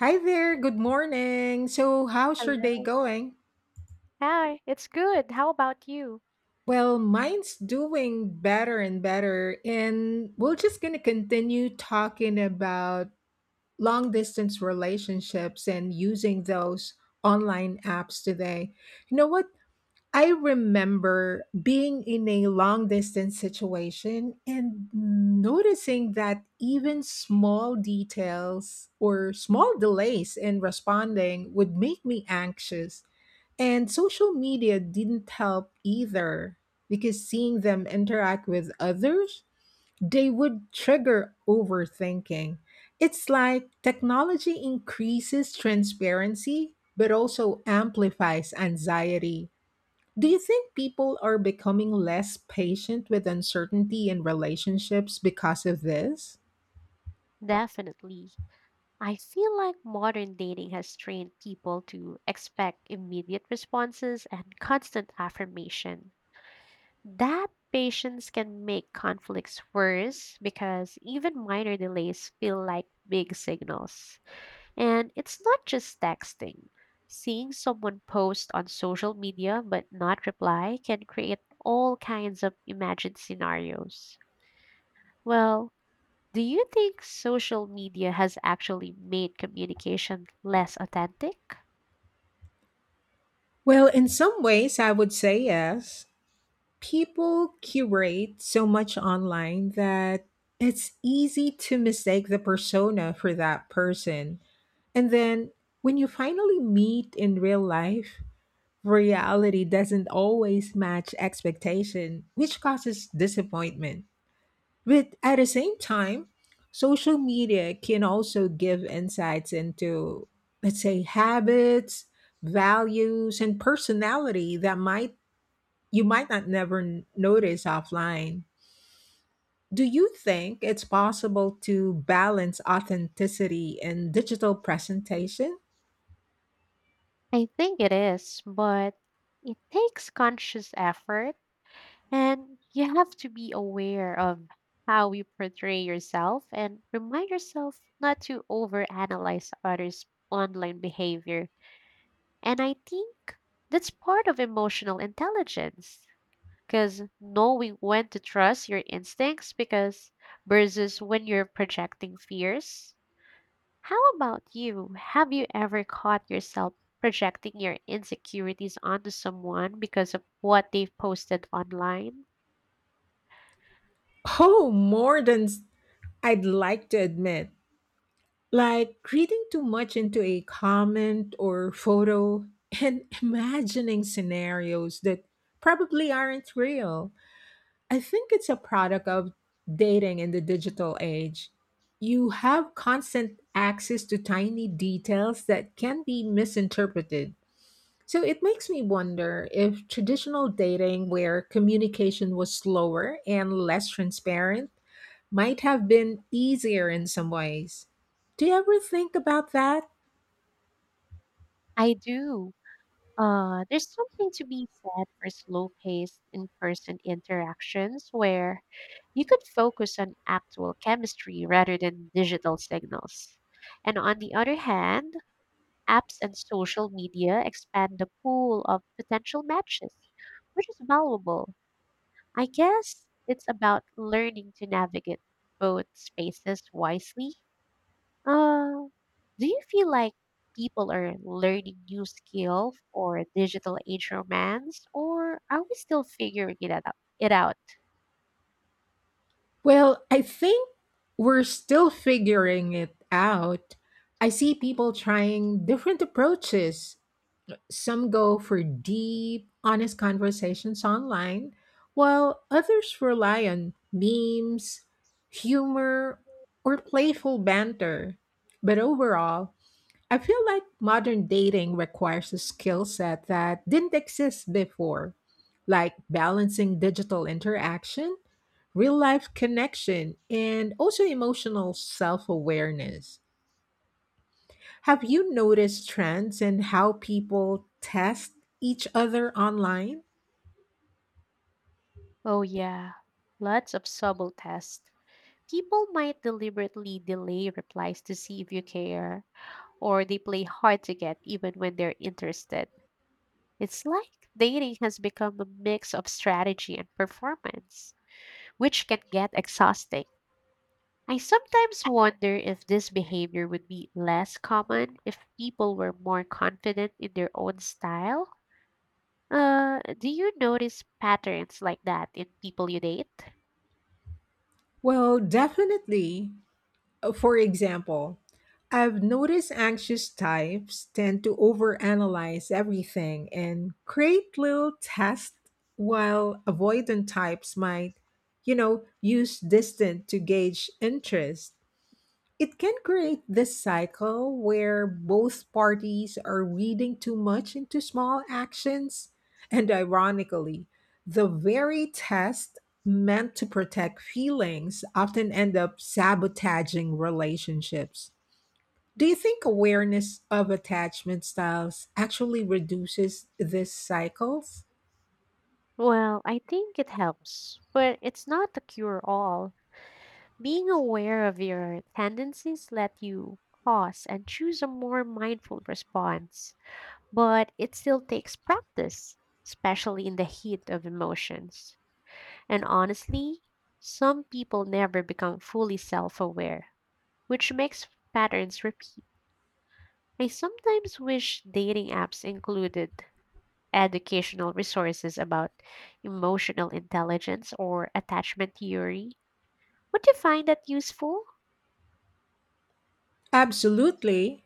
Hi there, good morning. So, how's your day Hello. going? Hi, it's good. How about you? Well, mine's doing better and better. And we're just going to continue talking about long distance relationships and using those online apps today. You know what? I remember being in a long distance situation and noticing that even small details or small delays in responding would make me anxious. And social media didn't help either because seeing them interact with others, they would trigger overthinking. It's like technology increases transparency but also amplifies anxiety. Do you think people are becoming less patient with uncertainty in relationships because of this? Definitely. I feel like modern dating has trained people to expect immediate responses and constant affirmation. That patience can make conflicts worse because even minor delays feel like big signals. And it's not just texting. Seeing someone post on social media but not reply can create all kinds of imagined scenarios. Well, do you think social media has actually made communication less authentic? Well, in some ways, I would say yes. People curate so much online that it's easy to mistake the persona for that person. And then when you finally meet in real life, reality doesn't always match expectation, which causes disappointment. But at the same time, social media can also give insights into, let's say, habits, values, and personality that might you might not never n- notice offline. Do you think it's possible to balance authenticity and digital presentation? I think it is, but it takes conscious effort and you have to be aware of how you portray yourself and remind yourself not to overanalyze others' online behavior. And I think that's part of emotional intelligence because knowing when to trust your instincts because versus when you're projecting fears. How about you? Have you ever caught yourself projecting your insecurities onto someone because of what they've posted online? Oh, more than I'd like to admit. Like reading too much into a comment or photo and imagining scenarios that probably aren't real. I think it's a product of dating in the digital age. You have constant access to tiny details that can be misinterpreted. So it makes me wonder if traditional dating, where communication was slower and less transparent, might have been easier in some ways. Do you ever think about that? I do. There's something to be said for slow paced in person interactions where you could focus on actual chemistry rather than digital signals. And on the other hand, apps and social media expand the pool of potential matches, which is valuable. I guess it's about learning to navigate both spaces wisely. Uh, do you feel like people are learning new skill for digital age romance, or are we still figuring it out? Well, I think we're still figuring it out. I see people trying different approaches. Some go for deep, honest conversations online, while others rely on memes, humor, or playful banter. But overall, I feel like modern dating requires a skill set that didn't exist before, like balancing digital interaction, real life connection, and also emotional self awareness. Have you noticed trends in how people test each other online? Oh, yeah, lots of subtle tests. People might deliberately delay replies to see if you care, or they play hard to get even when they're interested. It's like dating has become a mix of strategy and performance, which can get exhausting. I sometimes wonder if this behavior would be less common if people were more confident in their own style. Do you notice patterns like that in people you date? Well, definitely. For example, I've noticed anxious types tend to overanalyze everything and create little tests, while avoidant types might, you know, use distance to gauge interest. It can create this cycle where both parties are reading too much into small actions. And ironically, the very test meant to protect feelings often end up sabotaging relationships. Do you think awareness of attachment styles actually reduces these cycles? Well, I think it helps, but it's not a cure all. Being aware of your tendencies let you pause and choose a more mindful response, but it still takes practice, especially in the heat of emotions. And honestly, some people never become fully self aware, which makes patterns repeat. I sometimes wish dating apps included educational resources about emotional intelligence or attachment theory. Would you find that useful? Absolutely.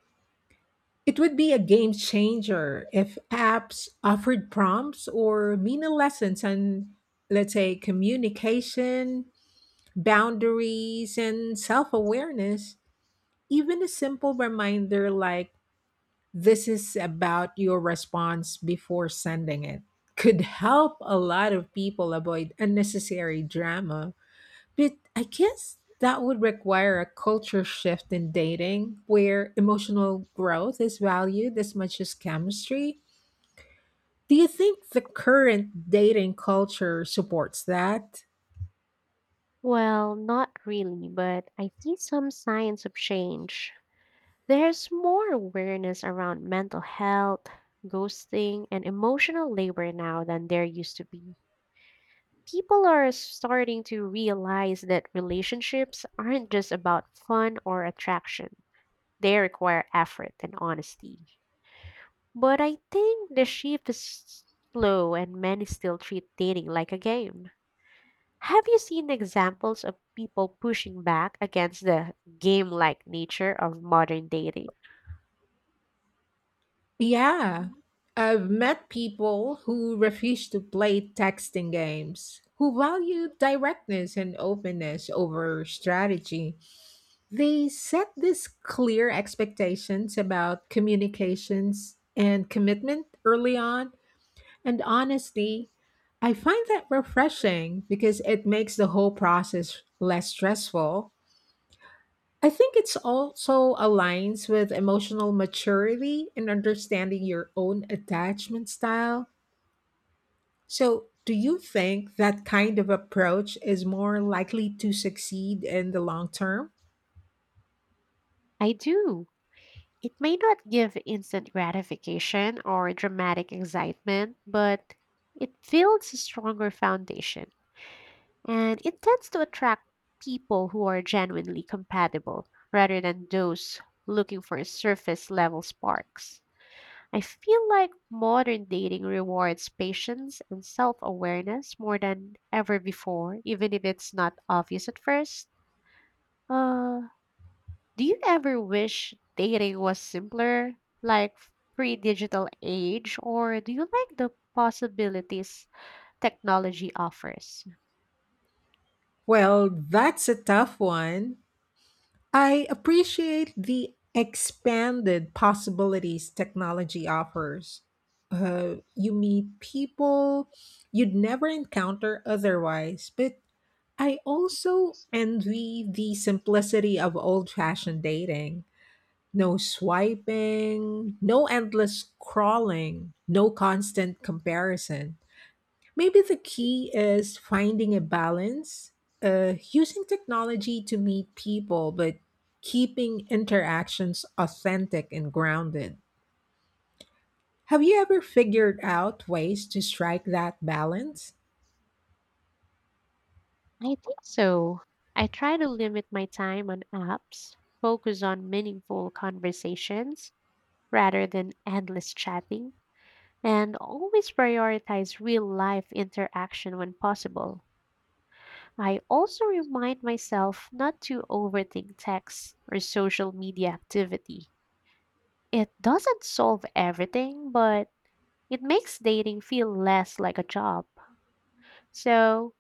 It would be a game changer if apps offered prompts or mini lessons on, let's say, communication, boundaries, and self awareness. Even a simple reminder like, this is about your response before sending it, could help a lot of people avoid unnecessary drama. But I guess that would require a culture shift in dating where emotional growth is valued as much as chemistry. Do you think the current dating culture supports that? Well, not really, but I see some signs of change. There's more awareness around mental health, ghosting, and emotional labor now than there used to be. People are starting to realize that relationships aren't just about fun or attraction. They require effort and honesty. But I think the shift is slow and many still treat dating like a game. Have you seen examples of people pushing back against the game like nature of modern dating? Yeah. I've met people who refuse to play texting games, who value directness and openness over strategy. They set these clear expectations about communications and commitment early on. And honestly, I find that refreshing because it makes the whole process less stressful. I think it's also aligns with emotional maturity and understanding your own attachment style. So, do you think that kind of approach is more likely to succeed in the long term? I do. It may not give instant gratification or dramatic excitement, but it builds a stronger foundation. And it tends to attract people who are genuinely compatible rather than those looking for surface level sparks. I feel like modern dating rewards patience and self awareness more than ever before, even if it's not obvious at first. Uh, do you ever wish dating was simpler, like pre digital age, or do you like the possibilities technology offers? Well, that's a tough one. I appreciate the expanded possibilities technology offers. You meet people you'd never encounter otherwise, but I also envy the simplicity of old fashioned dating. No swiping, no endless scrolling, no constant comparison. Maybe the key is finding a balance, using technology to meet people, but keeping interactions authentic and grounded. Have you ever figured out ways to strike that balance? I think so. I try to limit my time on apps, focus on meaningful conversations rather than endless chatting, and always prioritize real life interaction when possible. I also remind myself not to overthink texts or social media activity. It doesn't solve everything, but it makes dating feel less like a job. So,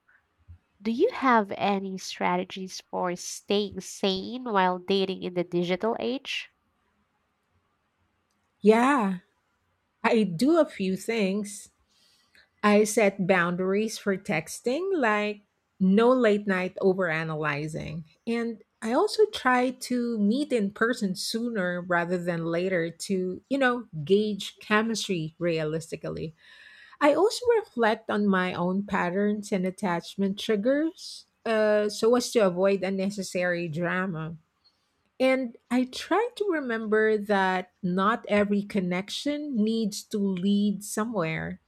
do you have any strategies for staying sane while dating in the digital age? Yeah, I do a few things. I set boundaries for texting, like no late night overanalyzing. And I also try to meet in person sooner rather than later to, you know, gauge chemistry realistically. I also reflect on my own patterns and attachment triggers so as to avoid unnecessary drama. And I try to remember that not every connection needs to lead somewhere.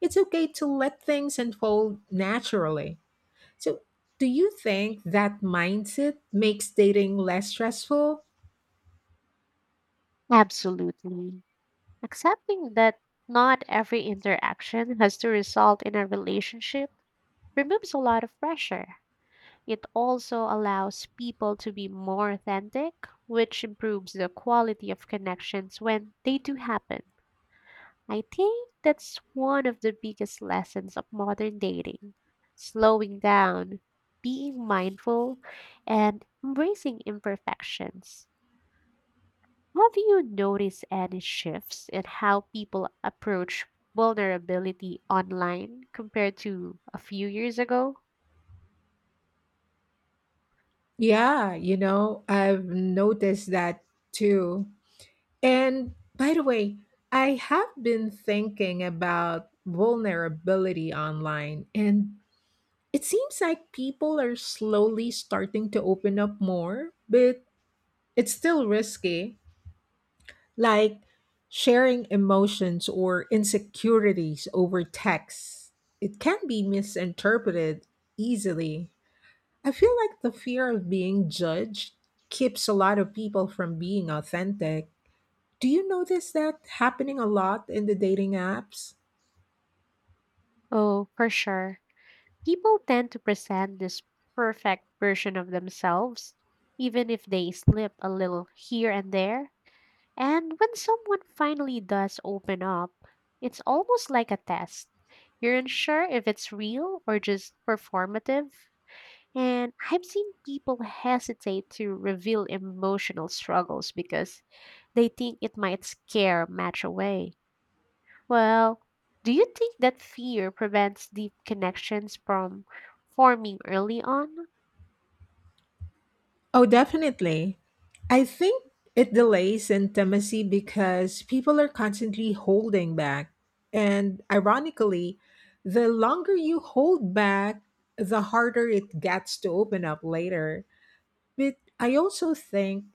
It's okay to let things unfold naturally. So, do you think that mindset makes dating less stressful? Absolutely. Accepting that not every interaction has to result in a relationship removes a lot of pressure. It also allows people to be more authentic, which improves the quality of connections when they do happen. I think that's one of the biggest lessons of modern dating: slowing down, being mindful, and embracing imperfections. Have you noticed any shifts in how people approach vulnerability online compared to a few years ago? Yeah, you know, I've noticed that too. And by the way, I have been thinking about vulnerability online, and it seems like people are slowly starting to open up more, but it's still risky. Like sharing emotions or insecurities over text, it can be misinterpreted easily. I feel like the fear of being judged keeps a lot of people from being authentic. Do you notice that happening a lot in the dating apps? Oh, for sure. People tend to present this perfect version of themselves, even if they slip a little here and there. And when someone finally does open up, it's almost like a test. You're unsure if it's real or just performative. And I've seen people hesitate to reveal emotional struggles because they think it might scare a match away. Well, do you think that fear prevents deep connections from forming early on? Oh, definitely. I think it delays intimacy because people are constantly holding back. And ironically, the longer you hold back, the harder it gets to open up later. But I also think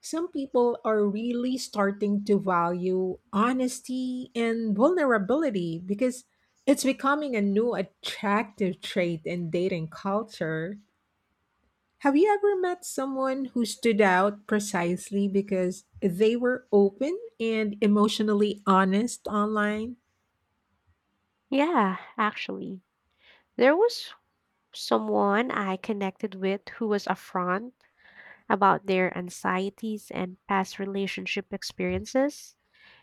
some people are really starting to value honesty and vulnerability because it's becoming a new attractive trait in dating culture. Have you ever met someone who stood out precisely because they were open and emotionally honest online? Yeah, actually. There was someone I connected with who was a front about their anxieties and past relationship experiences,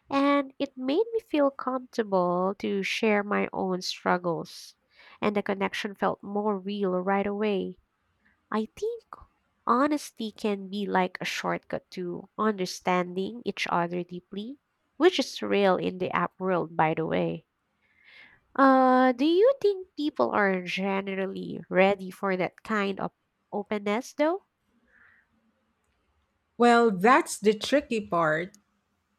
and it made me feel comfortable to share my own struggles. And the connection felt more real right away. I think honesty can be like a shortcut to understanding each other deeply, which is real in the app world, by the way. Do you think people are generally ready for that kind of openness, though? Well, that's the tricky part.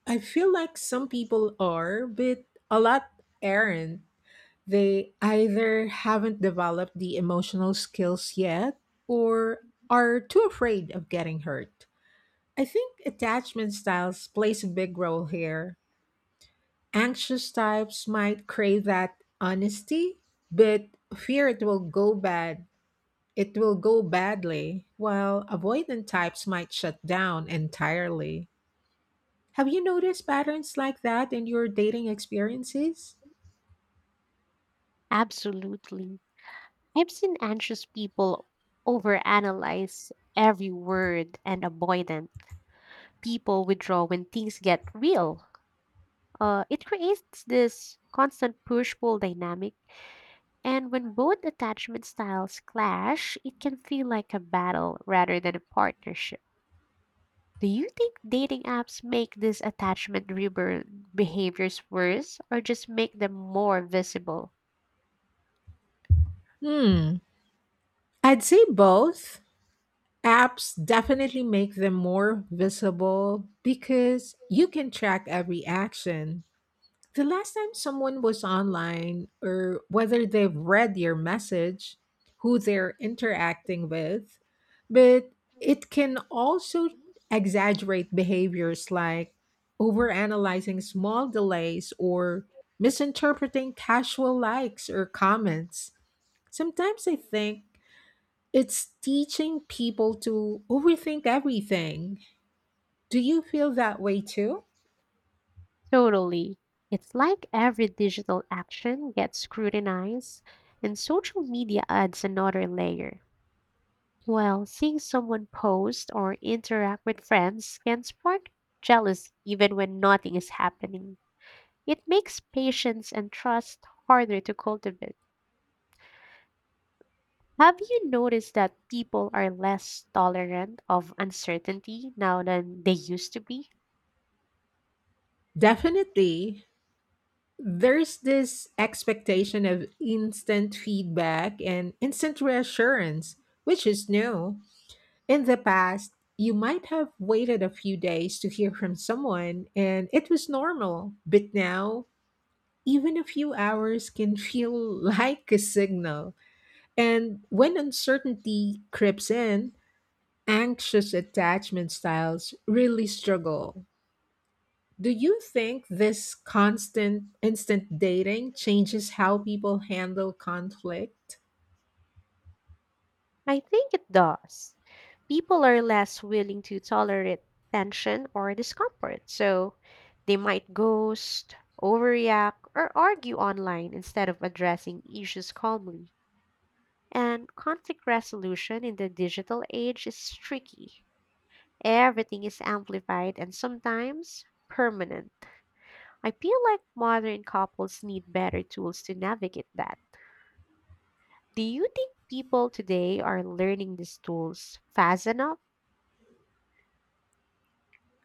I feel like some people are, but a lot aren't. They either haven't developed the emotional skills yet or are too afraid of getting hurt. I think attachment styles plays a big role here. Anxious types might crave that honesty, but fear it will go bad. It will go badly, while avoidant types might shut down entirely. Have you noticed patterns like that in your dating experiences? Absolutely. I've seen anxious people overanalyze every word and avoidant people withdraw when things get real. It creates this constant push pull dynamic. And when both attachment styles clash, it can feel like a battle rather than a partnership. Do you think dating apps make these attachment driven behaviors worse or just make them more visible? Hmm, I'd say both. Apps definitely make them more visible because you can track every action, the last time someone was online or whether they've read your message, who they're interacting with, but it can also exaggerate behaviors like overanalyzing small delays or misinterpreting casual likes or comments. Sometimes I think it's teaching people to overthink everything. Do you feel that way too? Totally. It's like every digital action gets scrutinized, and social media adds another layer. Well, seeing someone post or interact with friends can spark jealousy even when nothing is happening. It makes patience and trust harder to cultivate. Have you noticed that people are less tolerant of uncertainty now than they used to be? Definitely. There's this expectation of instant feedback and instant reassurance, which is new. In the past, you might have waited a few days to hear from someone, and it was normal. But now, even a few hours can feel like a signal. And when uncertainty creeps in, anxious attachment styles really struggle. Do you think this constant instant dating changes how people handle conflict? I think it does. People are less willing to tolerate tension or discomfort, so they might ghost, overreact, or argue online instead of addressing issues calmly. And conflict resolution in the digital age is tricky. Everything is amplified and sometimes permanent. I feel like modern couples need better tools to navigate that. Do you think people today are learning these tools fast enough?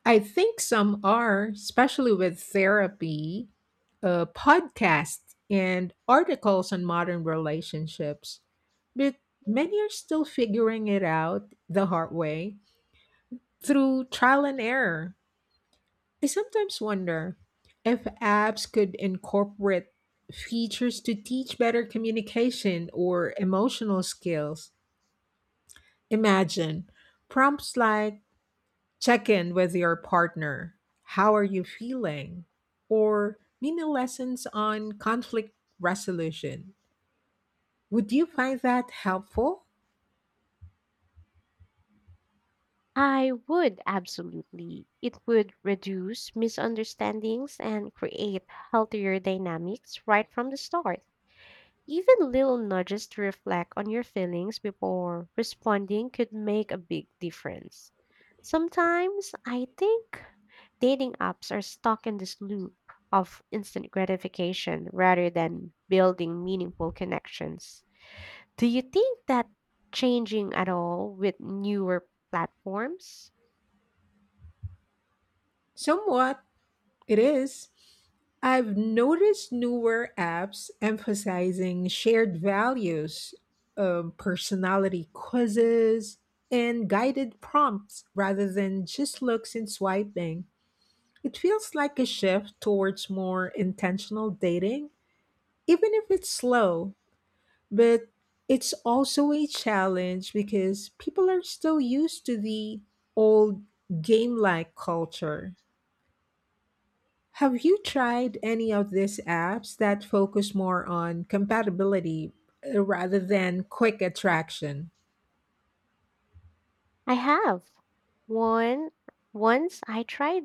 I think some are, especially with therapy, podcasts, and articles on modern relationships. But many are still figuring it out the hard way through trial and error. I sometimes wonder if apps could incorporate features to teach better communication or emotional skills. Imagine prompts like check in with your partner, how are you feeling, or mini lessons on conflict resolution. Would you find that helpful? I would absolutely. It would reduce misunderstandings and create healthier dynamics right from the start. Even little nudges to reflect on your feelings before responding could make a big difference. Sometimes I think dating apps are stuck in this loop of instant gratification rather than building meaningful connections. Do you think that changing at all with newer platforms? Somewhat, it is. I've noticed newer apps emphasizing shared values, personality quizzes, and guided prompts rather than just looks and swiping. It feels like a shift towards more intentional dating, even if it's slow. But it's also a challenge because people are still used to the old game like culture. Have you tried any of these apps that focus more on compatibility rather than quick attraction? I have. One once I tried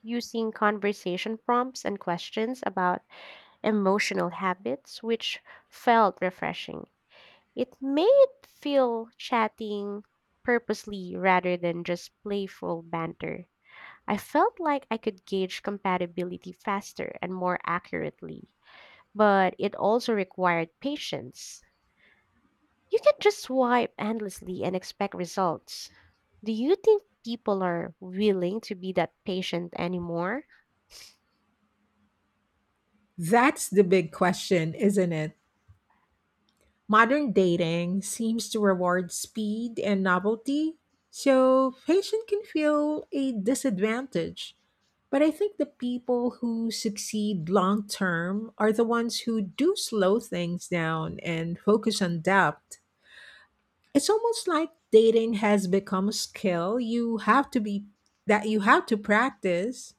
using conversation prompts and questions about emotional habits which felt refreshing. It made feel chatting purposely rather than just playful banter. I felt like I could gauge compatibility faster and more accurately, but it also required patience. You can not just swipe endlessly and expect results. Do you think people are willing to be that patient anymore? That's the big question, isn't it? Modern dating seems to reward speed and novelty, so patience can feel a disadvantage. But I think the people who succeed long term are the ones who do slow things down and focus on depth. It's almost like dating has become a skill you have to be that you have to practice.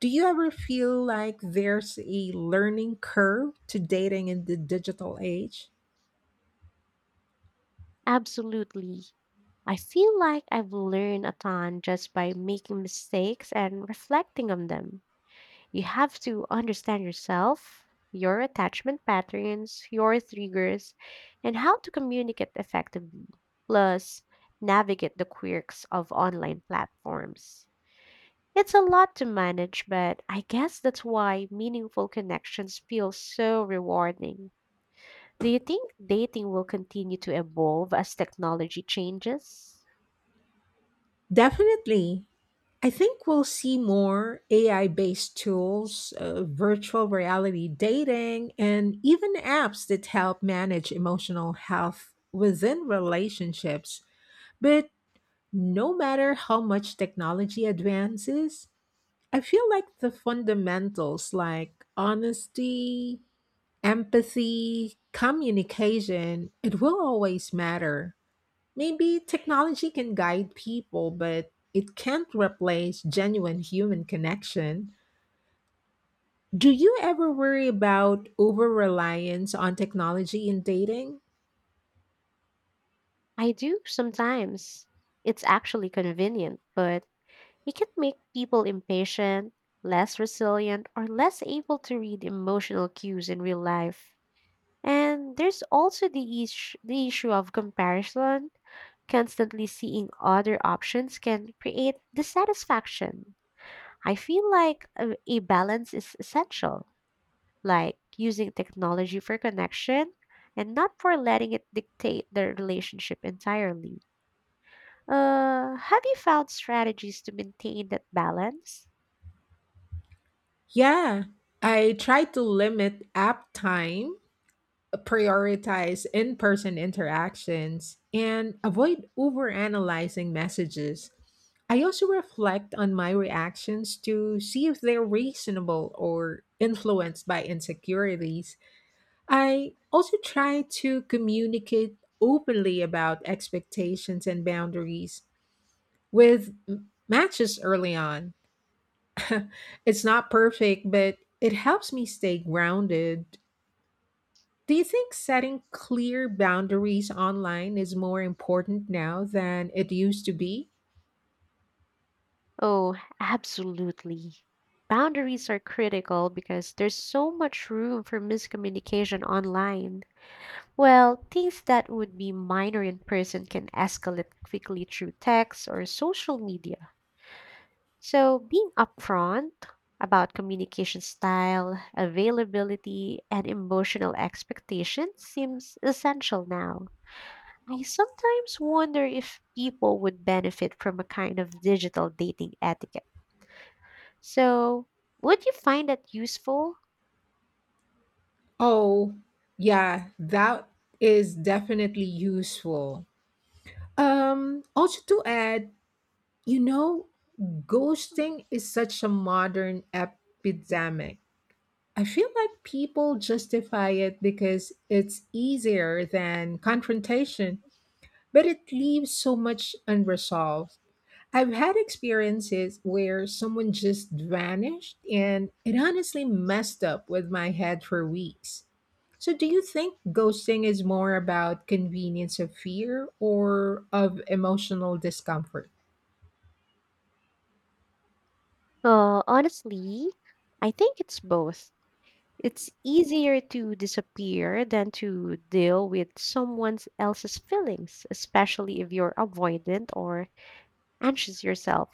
Do you ever feel like there's a learning curve to dating in the digital age? Absolutely. I feel like I've learned a ton just by making mistakes and reflecting on them. You have to understand yourself, your attachment patterns, your triggers, and how to communicate effectively, plus, navigate the quirks of online platforms. It's a lot to manage, but I guess that's why meaningful connections feel so rewarding. Do you think dating will continue to evolve as technology changes? Definitely. I think we'll see more AI based tools, virtual reality dating, and even apps that help manage emotional health within relationships. But no matter how much technology advances, I feel like the fundamentals like honesty, empathy, communication, it will always matter. Maybe technology can guide people, but it can't replace genuine human connection. Do you ever worry about over reliance on technology in dating? I do sometimes. It's actually convenient, but it can make people impatient, less resilient, or less able to read emotional cues in real life. And there's also the issue of comparison. Constantly seeing other options can create dissatisfaction. I feel like a balance is essential, like using technology for connection and not for letting it dictate the relationship entirely. Have you found strategies to maintain that balance? Yeah, I try to limit app time, prioritize in person interactions, and avoid over analyzing messages. I also reflect on my reactions to see if they're reasonable or influenced by insecurities. I also try to communicate openly about expectations and boundaries with matches early on. It's not perfect, but it helps me stay grounded. Do you think setting clear boundaries online is more important now than it used to be? Oh, absolutely. Boundaries are critical because there's so much room for miscommunication online. Well, things that would be minor in person can escalate quickly through text or social media. So, being upfront about communication style, availability, and emotional expectations seems essential now. I sometimes wonder if people would benefit from a kind of digital dating etiquette. So, would you find that useful? Oh, yeah, that is definitely useful. Also to add, you know, ghosting is such a modern epidemic. I feel like people justify it because it's easier than confrontation, but it leaves so much unresolved. I've had experiences where someone just vanished, and it honestly messed up with my head for weeks. So, do you think ghosting is more about convenience of fear or of emotional discomfort? Honestly, I think it's both. It's easier to disappear than to deal with someone else's feelings, especially if you're avoidant or anxious yourself.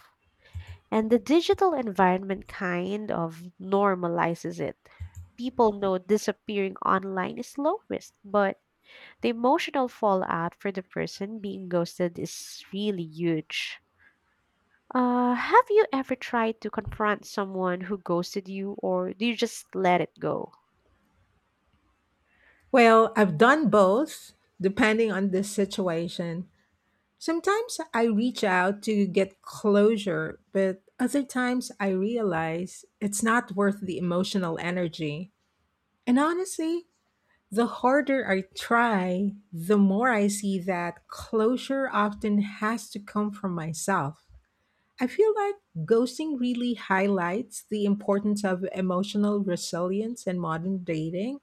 And the digital environment kind of normalizes it. People know disappearing online is low risk, but the emotional fallout for the person being ghosted is really huge. Have you ever tried to confront someone who ghosted you, or do you just let it go? Well, I've done both, depending on the situation. Sometimes I reach out to get closure, but other times I realize it's not worth the emotional energy. And honestly, the harder I try, the more I see that closure often has to come from myself. I feel like ghosting really highlights the importance of emotional resilience in modern dating.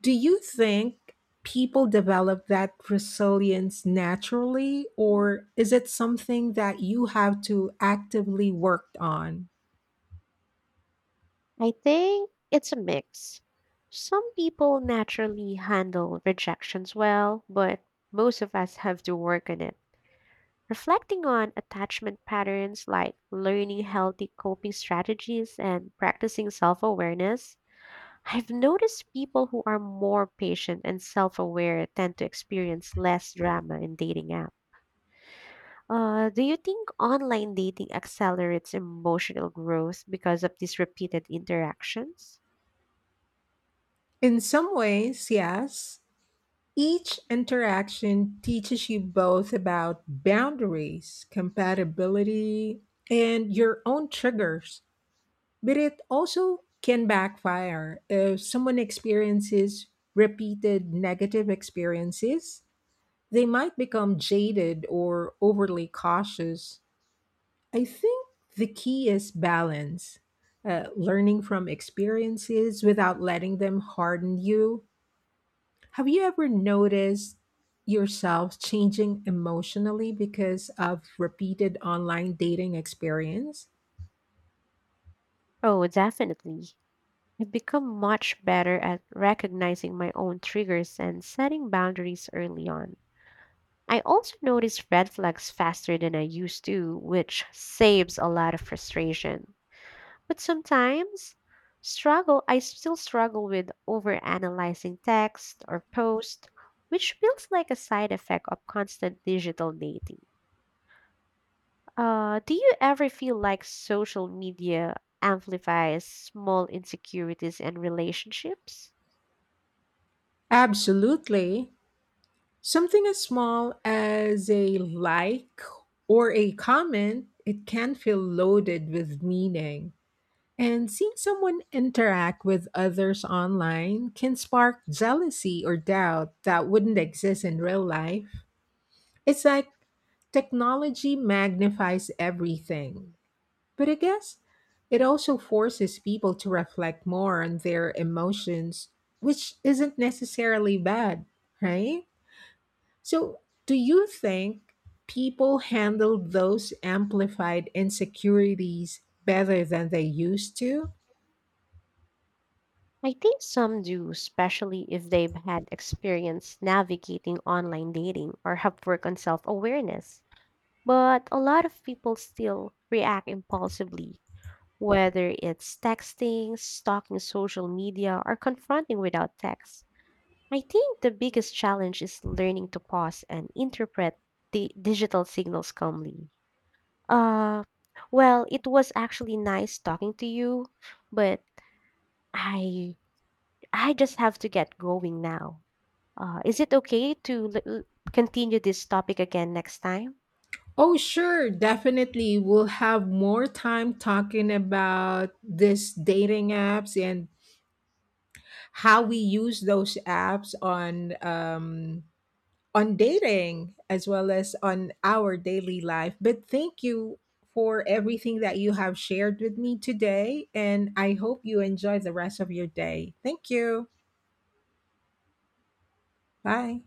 Do you think people develop that resilience naturally, or is it something that you have to actively work on? I think it's a mix. Some people naturally handle rejections well, but most of us have to work on it. Reflecting on attachment patterns like learning healthy coping strategies and practicing self awareness, I've noticed people who are more patient and self aware tend to experience less drama in dating apps. Do you think online dating accelerates emotional growth because of these repeated interactions? In some ways, yes. Each interaction teaches you both about boundaries, compatibility, and your own triggers. But it also can backfire. If someone experiences repeated negative experiences, they might become jaded or overly cautious. I think the key is balance, learning from experiences without letting them harden you. Have you ever noticed yourself changing emotionally because of repeated online dating experience? Oh, definitely. I've become much better at recognizing my own triggers and setting boundaries early on. I also notice red flags faster than I used to, which saves a lot of frustration. But sometimes struggle I still struggle with overanalyzing text or post, which feels like a side effect of constant digital dating. Do you ever feel like social media amplifies small insecurities and relationships? Absolutely. Something as small as a like or a comment, it can feel loaded with meaning. And seeing someone interact with others online can spark jealousy or doubt that wouldn't exist in real life. It's like technology magnifies everything. But I guess it also forces people to reflect more on their emotions, which isn't necessarily bad, right? So, do you think people handle those amplified insecurities better than they used to? I think some do, especially if they've had experience navigating online dating or have worked on self awareness. But a lot of people still react impulsively, whether it's texting, stalking social media, or confronting without text. I think the biggest challenge is learning to pause and interpret the digital signals calmly. Uh, well, it was actually nice talking to you, but I I just have to get going now. Is it okay to continue this topic again next time? Oh, sure, definitely. We'll have more time talking about this dating apps and how we use those apps on dating as well as on our daily life. But thank you for everything that you have shared with me today, and I hope you enjoy the rest of your day. Thank you. Bye.